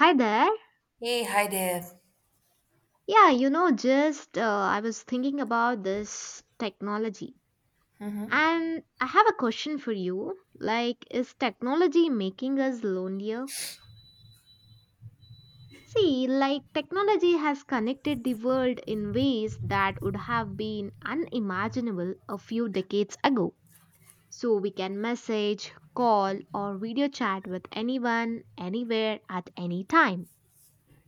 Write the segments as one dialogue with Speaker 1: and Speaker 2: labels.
Speaker 1: Hi there.
Speaker 2: Hey, hi there.
Speaker 1: Yeah, you know, just I was thinking about this technology. And I have a question for you. Like, is technology making us lonelier? See, like, technology has connected the world in ways that would have been unimaginable a few decades ago. So, we can message, call, or video chat with anyone, anywhere, at any time.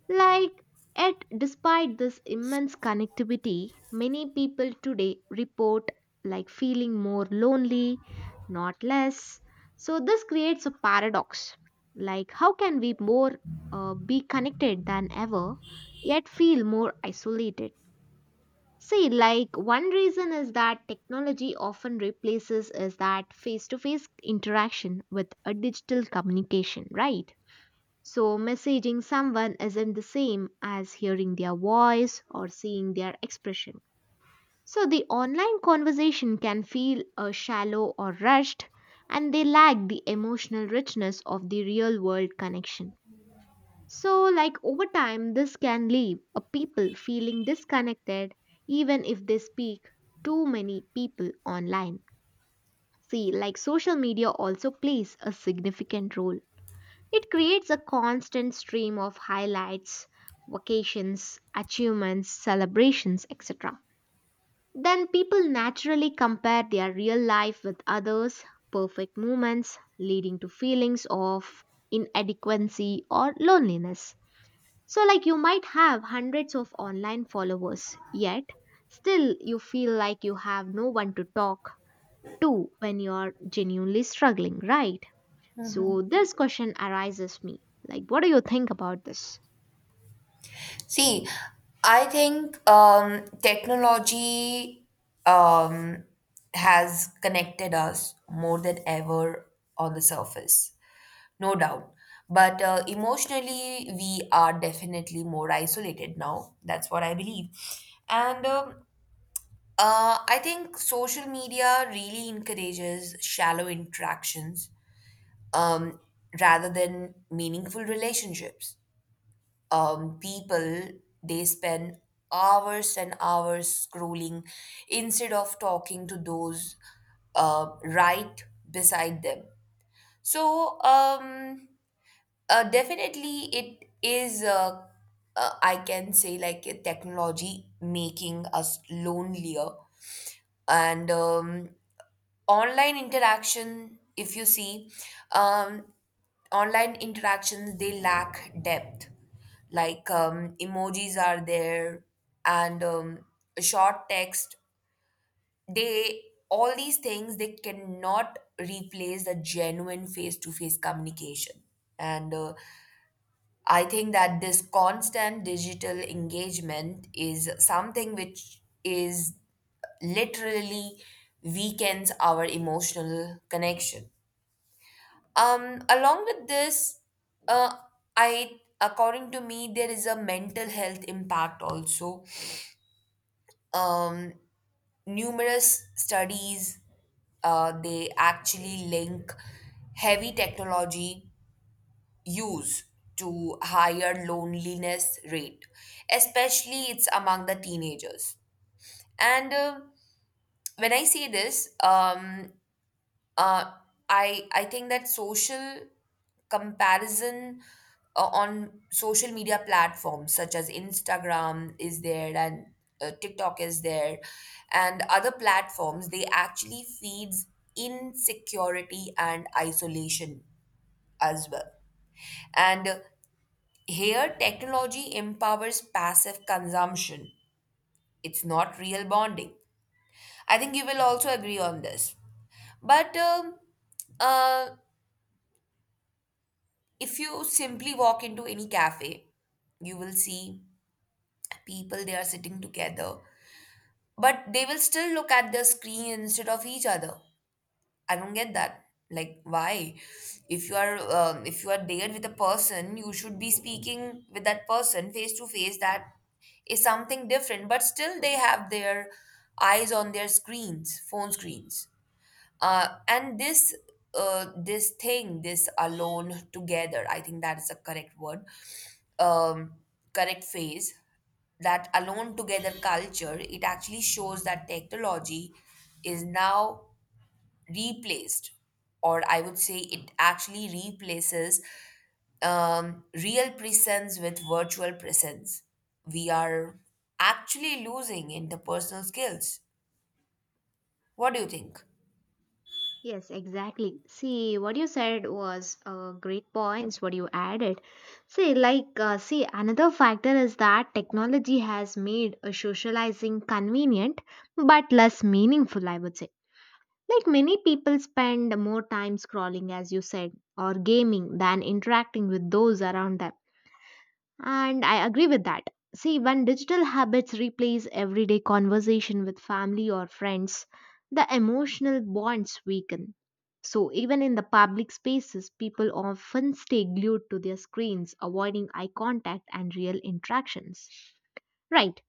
Speaker 1: Like, yet, despite this immense connectivity, many people today report like feeling more lonely, not less. So, this creates a paradox. Like, how can we more be connected than ever, yet feel more isolated? See, like, one reason is that technology often replaces is that face to face interaction with a digital communication, right? So, messaging someone isn't the same as hearing their voice or seeing their expression. So, the online conversation can feel shallow or rushed, and they lack the emotional richness of the real world connection. So, like over time, this can leave a people feeling disconnected even if they speak too many people online. See, like social media also plays a significant role it creates a constant stream of highlights, vacations, achievements, celebrations, etc. Then people naturally compare their real life with others' perfect moments, leading to feelings of inadequacy or loneliness. So, like you might have hundreds of online followers, yet still you feel like you have no one to talk to when you're genuinely struggling, right? So this question arises me. Like what do you think about this?
Speaker 2: See, I think technology um, has connected us more than ever on the surface, no doubt. But emotionally, we are definitely more isolated now. That's what I believe. And I think social media really encourages shallow interactions, um, rather than meaningful relationships. People they spend hours and hours scrolling instead of talking to those right beside them. so um, Definitely it is, I can say, like, a technology making us lonelier. And Online interaction, if you see, um, online interactions, they lack depth. Emojis are there, and short text, they, all these things, they cannot replace the genuine face to face communication. And I think that this constant digital engagement is something which is literally weakens our emotional connection. Along with this, uh, I, according to me, there is a mental health impact also. Um, numerous studies, they actually link heavy technology use to higher loneliness rate, especially it's among the teenagers. And when I say this uh, I think that social comparison on social media platforms such as Instagram is there, and TikTok is there, and other platforms, they actually feeds insecurity and isolation as well. And Here, technology empowers passive consumption. It's not real bonding. I think you will also agree on this. But uh, if you simply walk into any cafe, you will see people, they are sitting together, but they will still look at the screen instead of each other. I don't get that. Like, why? If you are there with a person, you should be speaking with that person face to face. That is something different. But still, they have their eyes on their screens, phone screens. And this thing, this alone together, I think that is a correct word, um, correct phrase. That alone together culture, it actually shows that technology is now replaced, or I would say it actually replaces real presence with virtual presence. We are actually losing interpersonal skills. What do you think?
Speaker 1: Yes, exactly. See, what you said was great points, what you added. See, like, see, another factor is that technology has made socializing convenient but less meaningful, I would say. Like, many people spend more time scrolling, as you said, or gaming than interacting with those around them. And I agree with that. See, when digital habits replace everyday conversation with family or friends, the emotional bonds weaken. So, even in the public spaces, people often stay glued to their screens, avoiding eye contact and real interactions. Right.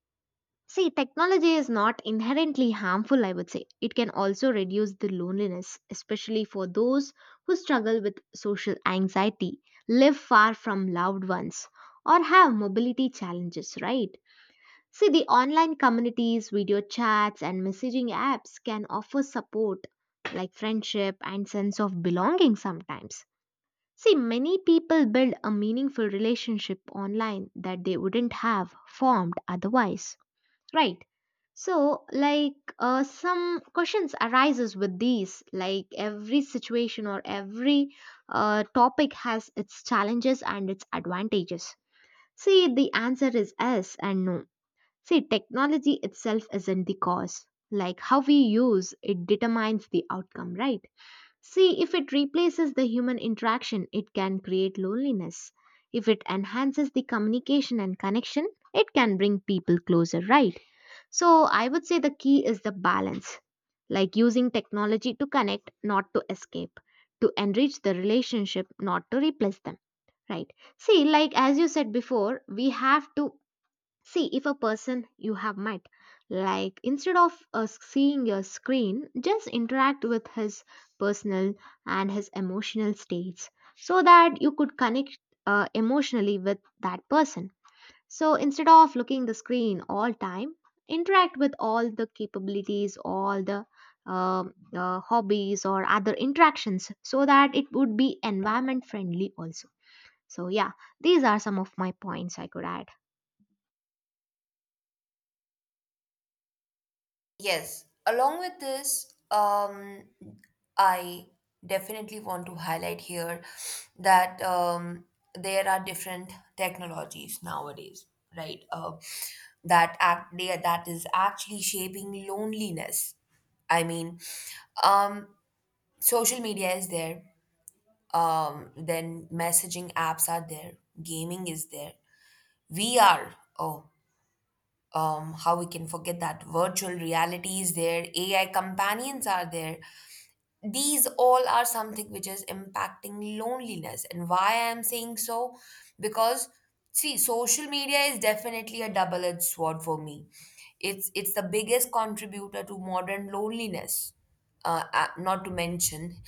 Speaker 1: See, technology is not inherently harmful, I would say. It can also reduce the loneliness, especially for those who struggle with social anxiety, live far from loved ones, or have mobility challenges, right? See, the online communities, video chats, and messaging apps can offer support like friendship and sense of belonging sometimes. See, many people build a meaningful relationship online that they wouldn't have formed otherwise. Right. So, like, some questions arises with these. Like, every situation or every topic has its challenges and its advantages. See, the answer is yes and no. See, technology itself isn't the cause. Like, how we use it determines the outcome, right? See, if it replaces the human interaction, it can create loneliness. If it enhances the communication and connection, it can bring people closer, right? So I would say the key is the balance, like using technology to connect, not to escape, to enrich the relationship, not to replace them, right? See, like as you said before, we have to see if a person you have met, like instead of seeing your screen, just interact with his personal and his emotional states so that you could connect emotionally with that person so instead of looking the screen all time, interact with all the capabilities, all the hobbies or other interactions so that it would be environment friendly also. So yeah, these are some of my points I could add.
Speaker 2: Yes, along with this, I definitely want to highlight here that there are different technologies nowadays, right? That is actually shaping loneliness. I mean, um, Social media is there. Then messaging apps are there. Gaming is there. VR. Oh how we can forget that virtual reality is there, AI companions are there. These all are something which is impacting loneliness. And why I'm saying so? Because, see, social media is definitely a double-edged sword for me. It's the biggest contributor to modern loneliness. Not to mention,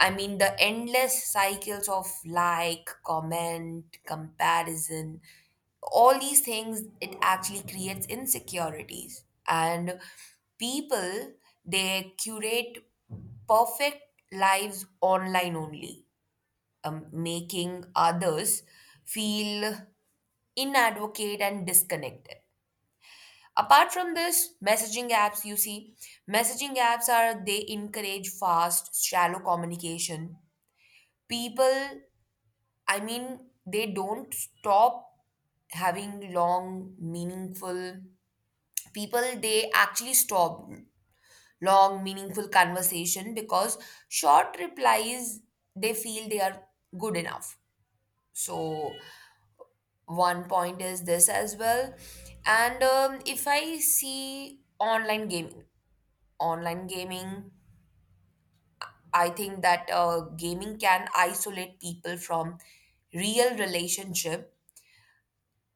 Speaker 2: I mean the endless cycles of like, comment, comparison, all these things, it actually creates insecurities, and people they curate perfect lives online only, making others feel inadequate and disconnected. Apart from this, messaging apps, you see, messaging apps are, they encourage fast shallow communication. People, I mean, they don't stop having long meaningful, people they actually stop long meaningful conversation because short replies, they feel they are good enough. So one point is this as well. And um, if i see online gaming, online gaming, I think that, gaming can isolate people from real relationship,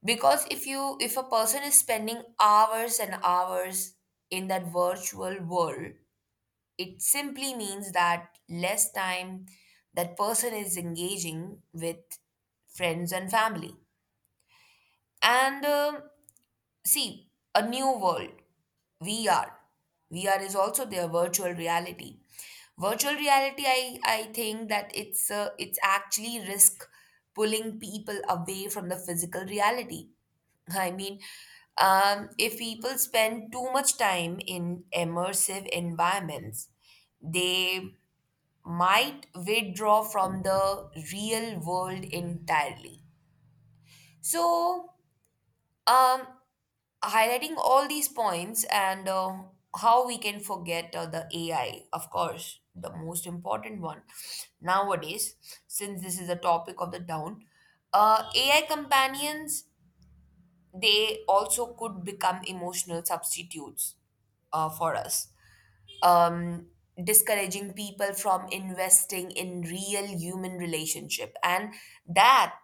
Speaker 2: because if you, if a person is spending hours and hours in that virtual world, it simply means that less time that person is engaging with friends and family. And, see, a new world, VR. VR is also their virtual reality. Virtual reality, I think that it's actually risk pulling people away from the physical reality. I mean, if people spend too much time in immersive environments, they might withdraw from the real world entirely. So, um, highlighting all these points, and how we can forget the AI, of course, the most important one nowadays, since this is the topic of the down. AI companions, they also could become emotional substitutes for us, um, discouraging people from investing in real human relationship, and that,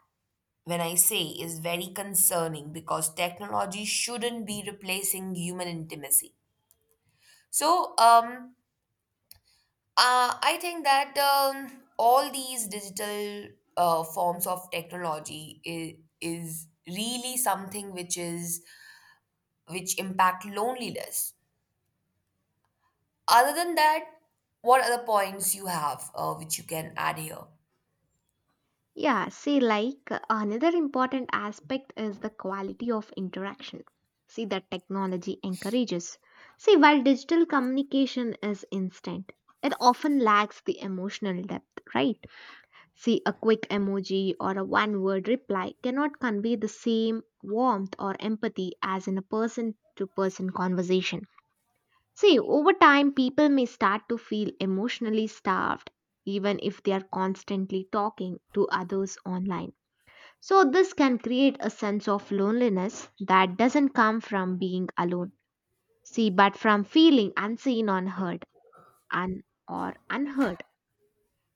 Speaker 2: when I say, is very concerning because technology shouldn't be replacing human intimacy. So, I think that, all these digital forms of technology is really something which is, which impact loneliness. Other than that, what other points you have, which you can add here?
Speaker 1: Yeah, see, like another important aspect is the quality of interaction. See, that technology encourages. See, while digital communication is instant, it often lacks the emotional depth, right? See, a quick emoji or a one word reply cannot convey the same warmth or empathy as in a person to person conversation. See, over time, people may start to feel emotionally starved, even if they are constantly talking to others online. So, this can create a sense of loneliness that doesn't come from being alone. See, but from feeling unseen, unheard, un- or unheard.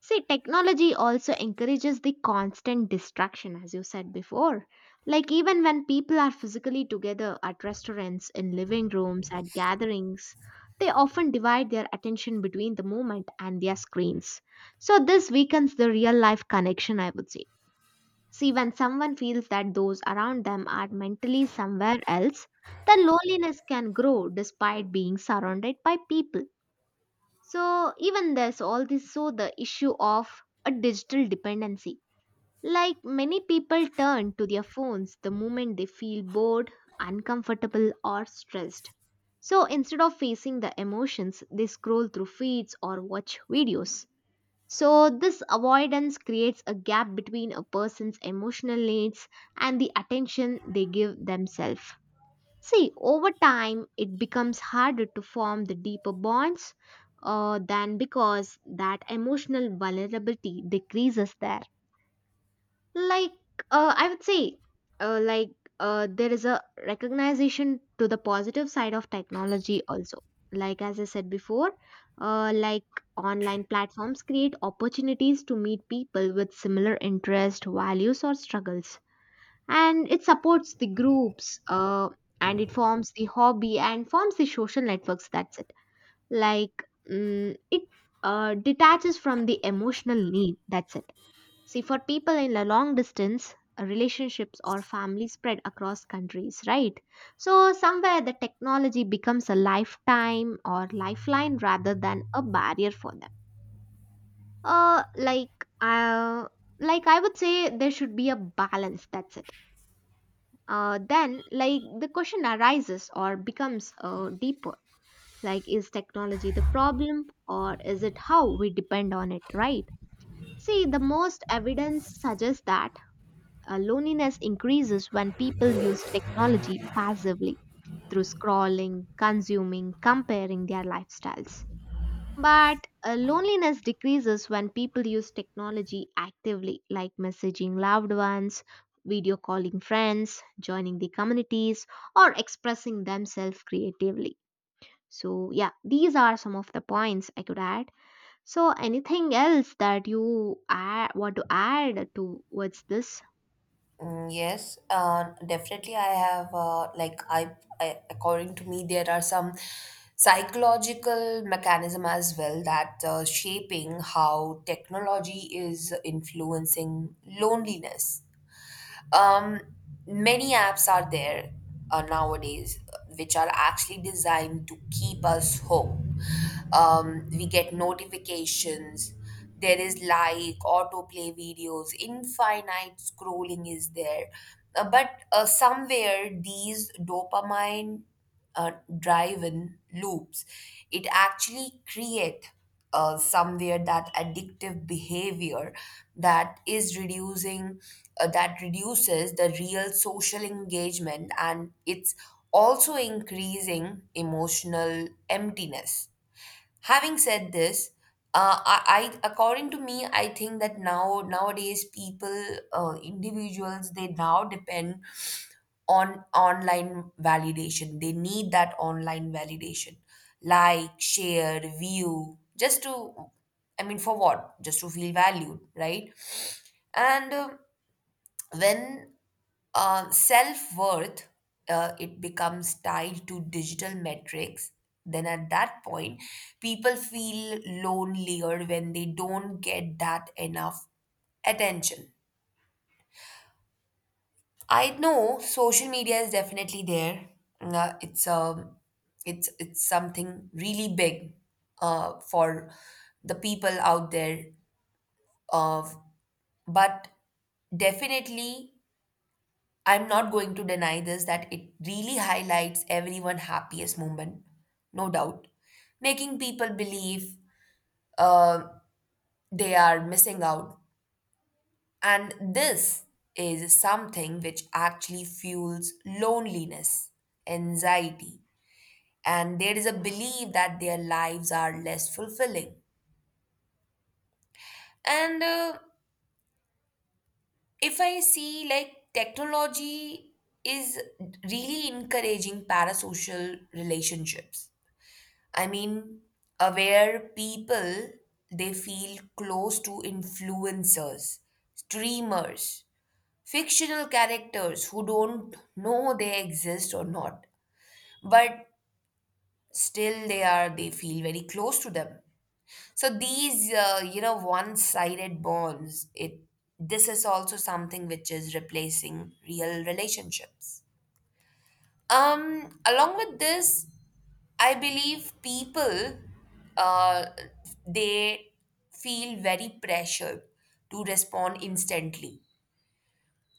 Speaker 1: See, technology also encourages the constant distraction, as you said before. Like, even when people are physically together at restaurants, in living rooms, at gatherings, they often divide their attention between the moment and their screens. So, this weakens the real life connection, I would say. See, when someone feels that those around them are mentally somewhere else, then loneliness can grow despite being surrounded by people. So even there's all this so the issue of a digital dependency. Like many people turn to their phones the moment they feel bored, uncomfortable or stressed. So instead of facing the emotions, they scroll through feeds or watch videos. So this avoidance creates a gap between a person's emotional needs and the attention they give themselves. See, over time, it becomes harder to form the deeper bonds than because that emotional vulnerability decreases there. Like, I would say, like, there is a recognition to the positive side of technology also. Like, as I said before, like online platforms create opportunities to meet people with similar interests, values, or struggles and it supports the groups and it forms the hobby and forms the social networks that's it like it detaches from the emotional need that's it see for people in the long distance relationships or family spread across countries right so somewhere the technology becomes a lifetime or lifeline rather than a barrier for them uh like uh, like I would say there should be a balance that's it then, like, the question arises or becomes deeper. Like, is technology the problem or is it how we depend on it, right? See, the most evidence suggests that loneliness increases when people use technology passively through scrolling, consuming, comparing their lifestyles. But loneliness decreases when people use technology actively, like messaging loved ones, video calling friends, joining the communities, or expressing themselves creatively. So, yeah, these are some of the points I could add. So, anything else that you add, want to add towards this?
Speaker 2: Mm. Yes, definitely. I have like I according to me, there are some psychological mechanism as well that shaping how technology is influencing loneliness. Um, many apps are there nowadays, which are actually designed to keep us hooked. We get notifications. There is like autoplay videos, infinite scrolling is there. But somewhere these dopamine, uh, driven loops, it actually create, somewhere, that addictive behavior, that is reducing, that reduces the real social engagement, and it's also increasing emotional emptiness. Having said this, I according to me, I think that now, nowadays, people, individuals, they now depend on online validation. They need that online validation, like, share, view, just to, I mean, for what? Just to feel valued, right? And when self-worth it becomes tied to digital metrics, then at that point people feel lonelier when they don't get that enough attention. I know social media is definitely there. Uh, it's um it's it's something really big for the people out there of, but definitely, I'm not going to deny this, that it really highlights everyone's happiest moment, no doubt, making people believe uh, they are missing out. And this is something which actually fuels loneliness, anxiety, and there is a belief that their lives are less fulfilling. And If I see, like, technology is really encouraging parasocial relationships, I mean, aware people, they feel close to influencers, streamers, fictional characters who don't know they exist or not, but still they are, they feel very close to them. So these, you know, one-sided bonds, it, this is also something which is replacing real relationships. Along with this, I believe people uh, they feel very pressured to respond instantly.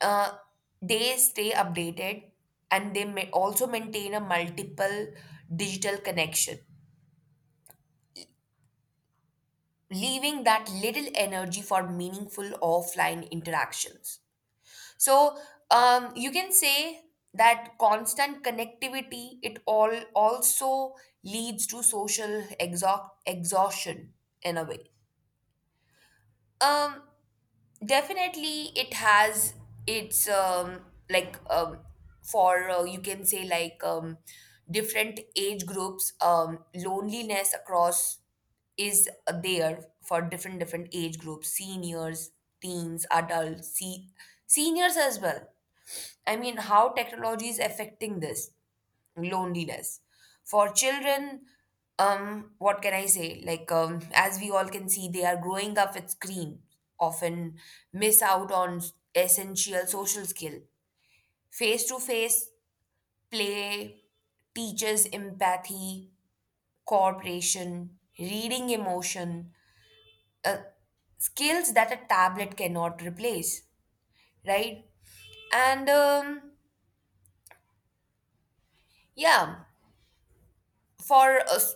Speaker 2: Uh, they stay updated, and they may also maintain a multiple digital connection, leaving that little energy for meaningful offline interactions. So you can say that constant connectivity, it all also leads to social exhaust exhaustion in a way. Um, definitely it has its like for you can say, like, different age groups, loneliness across is there for different different age groups, seniors, teens, adults. See, seniors as well, I mean, how technology is affecting this loneliness. For children, what can I say, like, as we all can see, they are growing up with screens, often miss out on essential social skill. Face to face play teaches empathy, cooperation, reading emotion, uh, skills that a tablet cannot replace, right? And yeah, for us,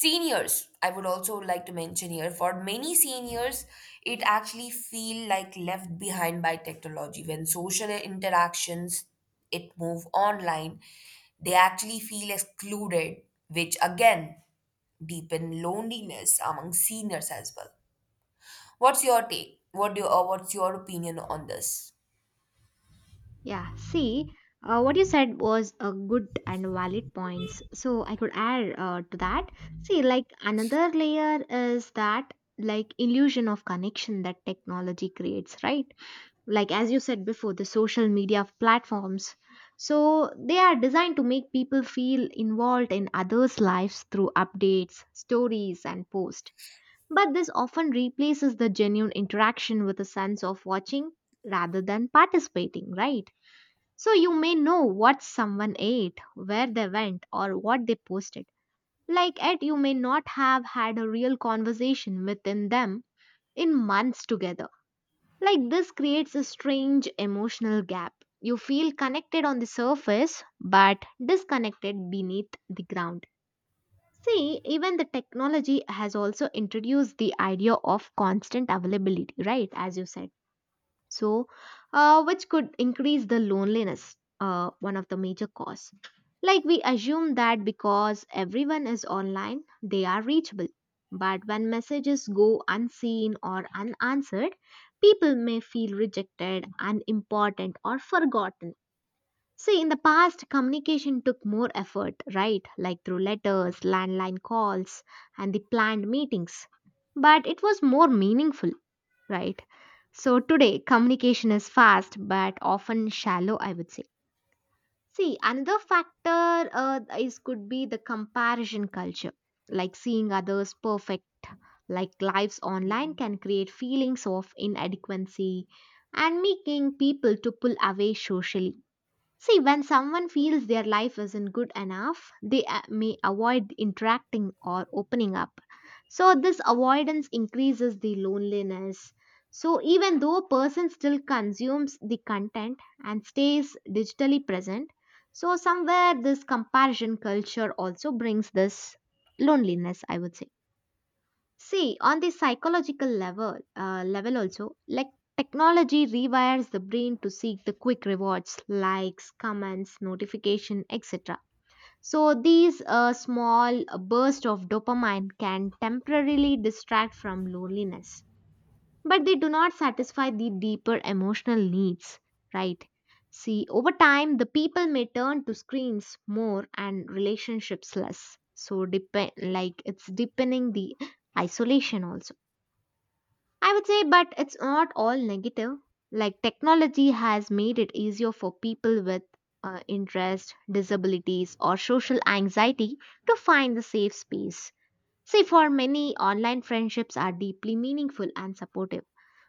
Speaker 2: seniors, I would also like to mention here, for many seniors, it actually feel like left behind by technology. When social interactions, it move online, they actually feel excluded, which again deepen loneliness among seniors as well. What's your take? What do you, or what's your opinion on this?
Speaker 1: Yeah, see, what you said was a good and valid points. So I could add to that. See, like another layer is that like illusion of connection that technology creates, right? Like as you said before, the social media platforms. So they are designed to make people feel involved in others' lives through updates, stories, and posts. But this often replaces the genuine interaction with a sense of watching rather than participating, right? So you may know what someone ate, where they went, or what they posted. Like yet you may not have had a real conversation within them in months together. Like this creates a strange emotional gap. You feel connected on the surface but disconnected beneath the ground. See, even the technology has also introduced the idea of constant availability, right? As you said so which could increase the loneliness one of the major cause like we assume that because everyone is online they are reachable but when messages go unseen or unanswered people may feel rejected unimportant or forgotten see in the past communication took more effort right like through letters landline calls and the planned meetings but it was more meaningful right? So today, communication is fast but often shallow, I would say. See, another factor is could be the comparison culture, like seeing others perfect, like lives online can create feelings of inadequacy and making people to pull away socially. See, when someone feels their life isn't good enough, they may avoid interacting or opening up. So, this avoidance increases the loneliness. So, even though a person still consumes the content and stays digitally present, so somewhere this comparison culture also brings this loneliness, I would say. See, on the psychological level also, like technology rewires the brain to seek the quick rewards, likes, comments, notification, etc. So these small bursts of dopamine can temporarily distract from loneliness, but they do not satisfy the deeper emotional needs, right? See, over time, the people may turn to screens more and relationships less. So depend like it's deepening the isolation also I would say, but it's not all negative. Like technology has made it easier for people with interest, disabilities, or social anxiety to find the safe space. See, for many, online friendships are deeply meaningful and supportive.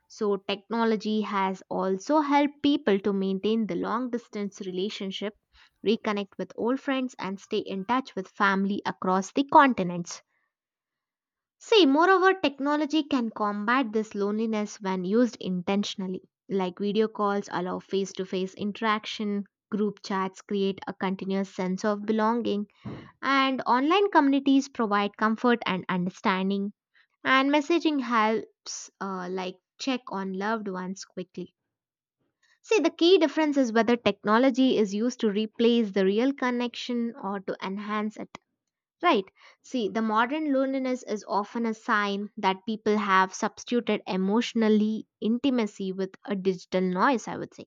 Speaker 1: So, technology has also helped people to maintain the long distance relationship, reconnect with old friends, and stay in touch with family across the continents. See, moreover, technology can combat this loneliness when used intentionally. Like video calls allow face to face interaction, group chats create a continuous sense of belonging, and online communities provide comfort and understanding. And messaging helps, like, check on loved ones quickly. See, the key difference is whether technology is used to replace the real connection or to enhance it. Right. See, the modern loneliness is often a sign that people have substituted emotionally intimacy with a digital noise, I would say.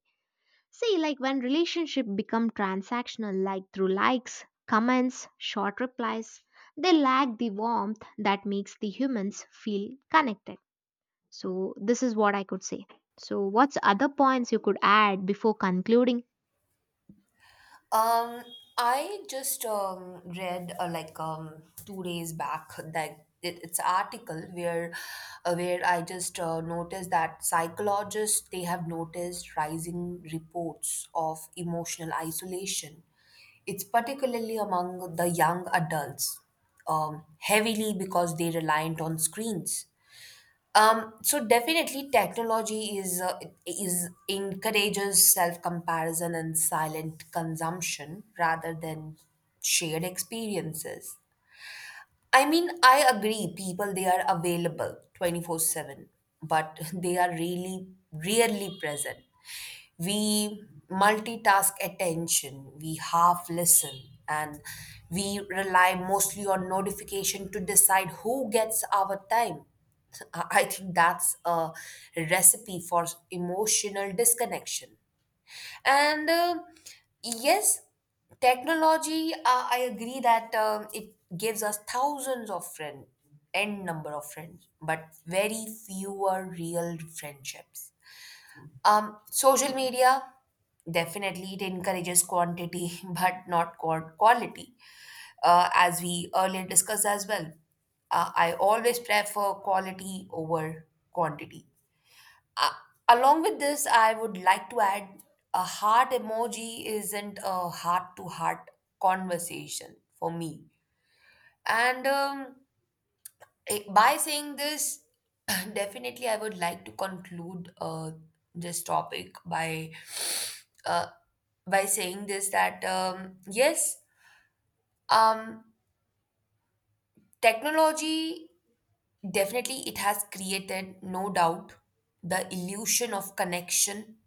Speaker 1: See, like when relationship become transactional, like through likes, comments, short replies, they lack the warmth that makes the humans feel connected. So, this is what I could say. So, what's other points you could add before concluding?
Speaker 2: Um, I just read, like, two days back, that it, it's an article where, where I just noticed that psychologists they have noticed rising reports of emotional isolation. It's particularly among the young adults, heavily because they reliant on screens. So definitely, technology is encourages self comparison and silent consumption rather than shared experiences. I mean, I agree, people, they are available 24/7, but they are really rarely present. We multitask attention, we half listen, and we rely mostly on notification to decide who gets our time. I think that's a recipe for emotional disconnection. And yes, technology, I agree that, it gives us thousands of friends, n number of friends, but very few are real friendships. Social media, definitely it encourages quantity, but not quality, as we earlier discussed as well. I always prefer quality over quantity. Uh, along with this, I would like to add, a heart emoji isn't a heart to heart conversation for me. And um, by saying this, definitely I would like to conclude this topic uh, by saying this, that yes, um, technology, definitely it has created, no doubt, the illusion of connection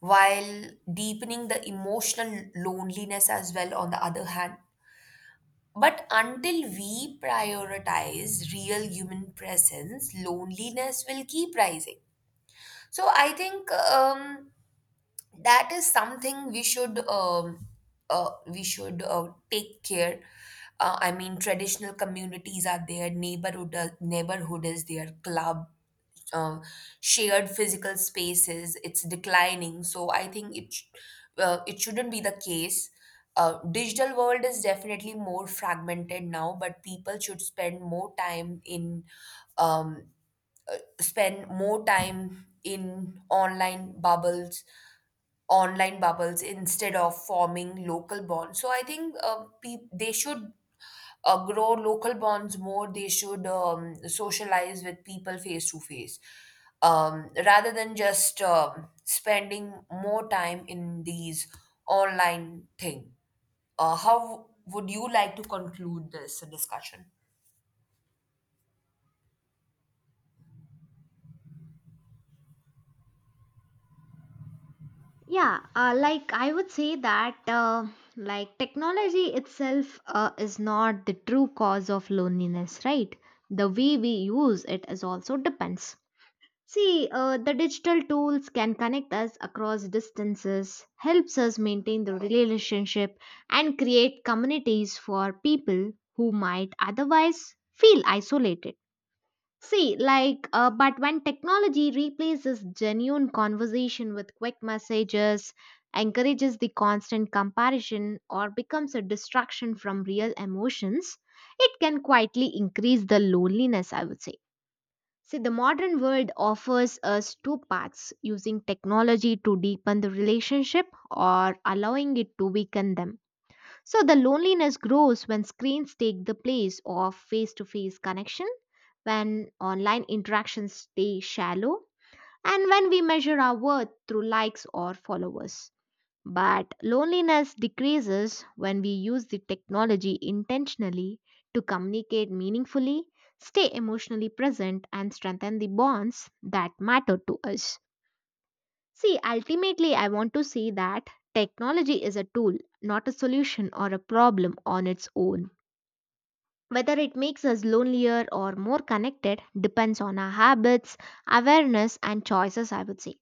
Speaker 2: while deepening the emotional loneliness as well, on the other hand. But until we prioritize real human presence, loneliness will keep rising. So I think that is something we should, we should take care. I mean, traditional communities are there, neighborhood neighborhood is there, club, uh, shared physical spaces, it's declining. So I think it shouldn't be the case. Digital world is definitely more fragmented now, but people should spend more time in, um, spend more time in online bubbles, online bubbles instead of forming local bonds. So I think, they should, grow local bonds more. They should, socialize with people face to face, rather than just, spending more time in these online thing. How would you like to conclude this discussion?
Speaker 1: Yeah, like I would say that like technology itself is not the true cause of loneliness, right? The way we use it is also depends. See, the digital tools can connect us across distances, helps us maintain the relationship and create communities for people who might otherwise feel isolated. See, like, but when technology replaces genuine conversation with quick messages, encourages the constant comparison, or becomes a distraction from real emotions, it can quietly increase the loneliness, I would say. See, the modern world offers us two paths using technology to deepen the relationship or allowing it to weaken them. So the loneliness grows when screens take the place of face to face connection, when online interactions stay shallow, and when we measure our worth through likes or followers. But loneliness decreases when we use the technology intentionally to communicate meaningfully, stay emotionally present, and strengthen the bonds that matter to us. See, ultimately, I want to see that technology is a tool, not a solution or a problem on its own. Whether it makes us lonelier or more connected depends on our habits, awareness, and choices, I would say.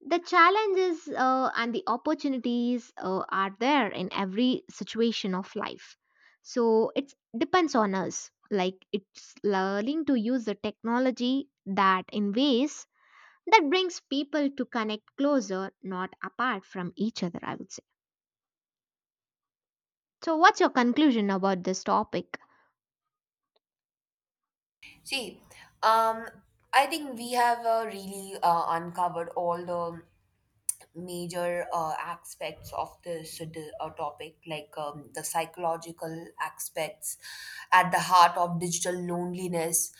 Speaker 1: The challenges and the opportunities are there in every situation of life. So it depends on us. Like it's learning to use the technology that in ways that brings people to connect closer, not apart from each other, I would say. So, what's your conclusion about this topic?
Speaker 2: See, um, I think we have, really uncovered all the major aspects of this, topic, like, the psychological aspects at the heart of digital loneliness,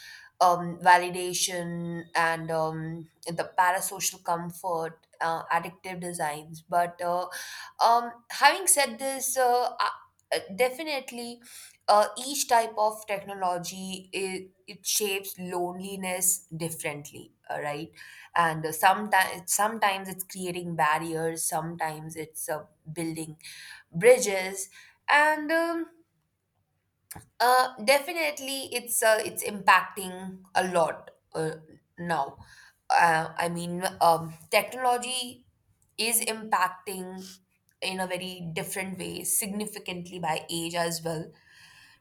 Speaker 2: validation, and, the parasocial comfort, addictive designs. But having said this, definitely, each type of technology, it shapes loneliness differently, right? And sometimes it's creating barriers, sometimes it's building bridges. And Definitely it's impacting a lot now. I mean, technology is impacting in a very different way significantly by age as well,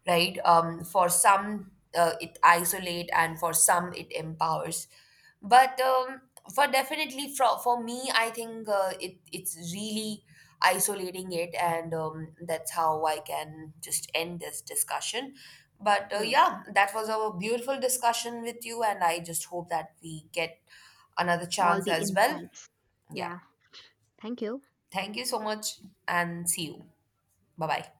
Speaker 2: right? For some, it isolate, and for some, it empowers. But for me, I think it's really isolating it, and, that's how I can just end this discussion. But
Speaker 1: Yes,
Speaker 2: yeah, that was a beautiful discussion with you, and I just hope that we get another
Speaker 1: all
Speaker 2: chance
Speaker 1: the
Speaker 2: as well.
Speaker 1: insights.
Speaker 2: Yeah,
Speaker 1: Yeah, thank you.
Speaker 2: thank you so much, and see you. Bye bye.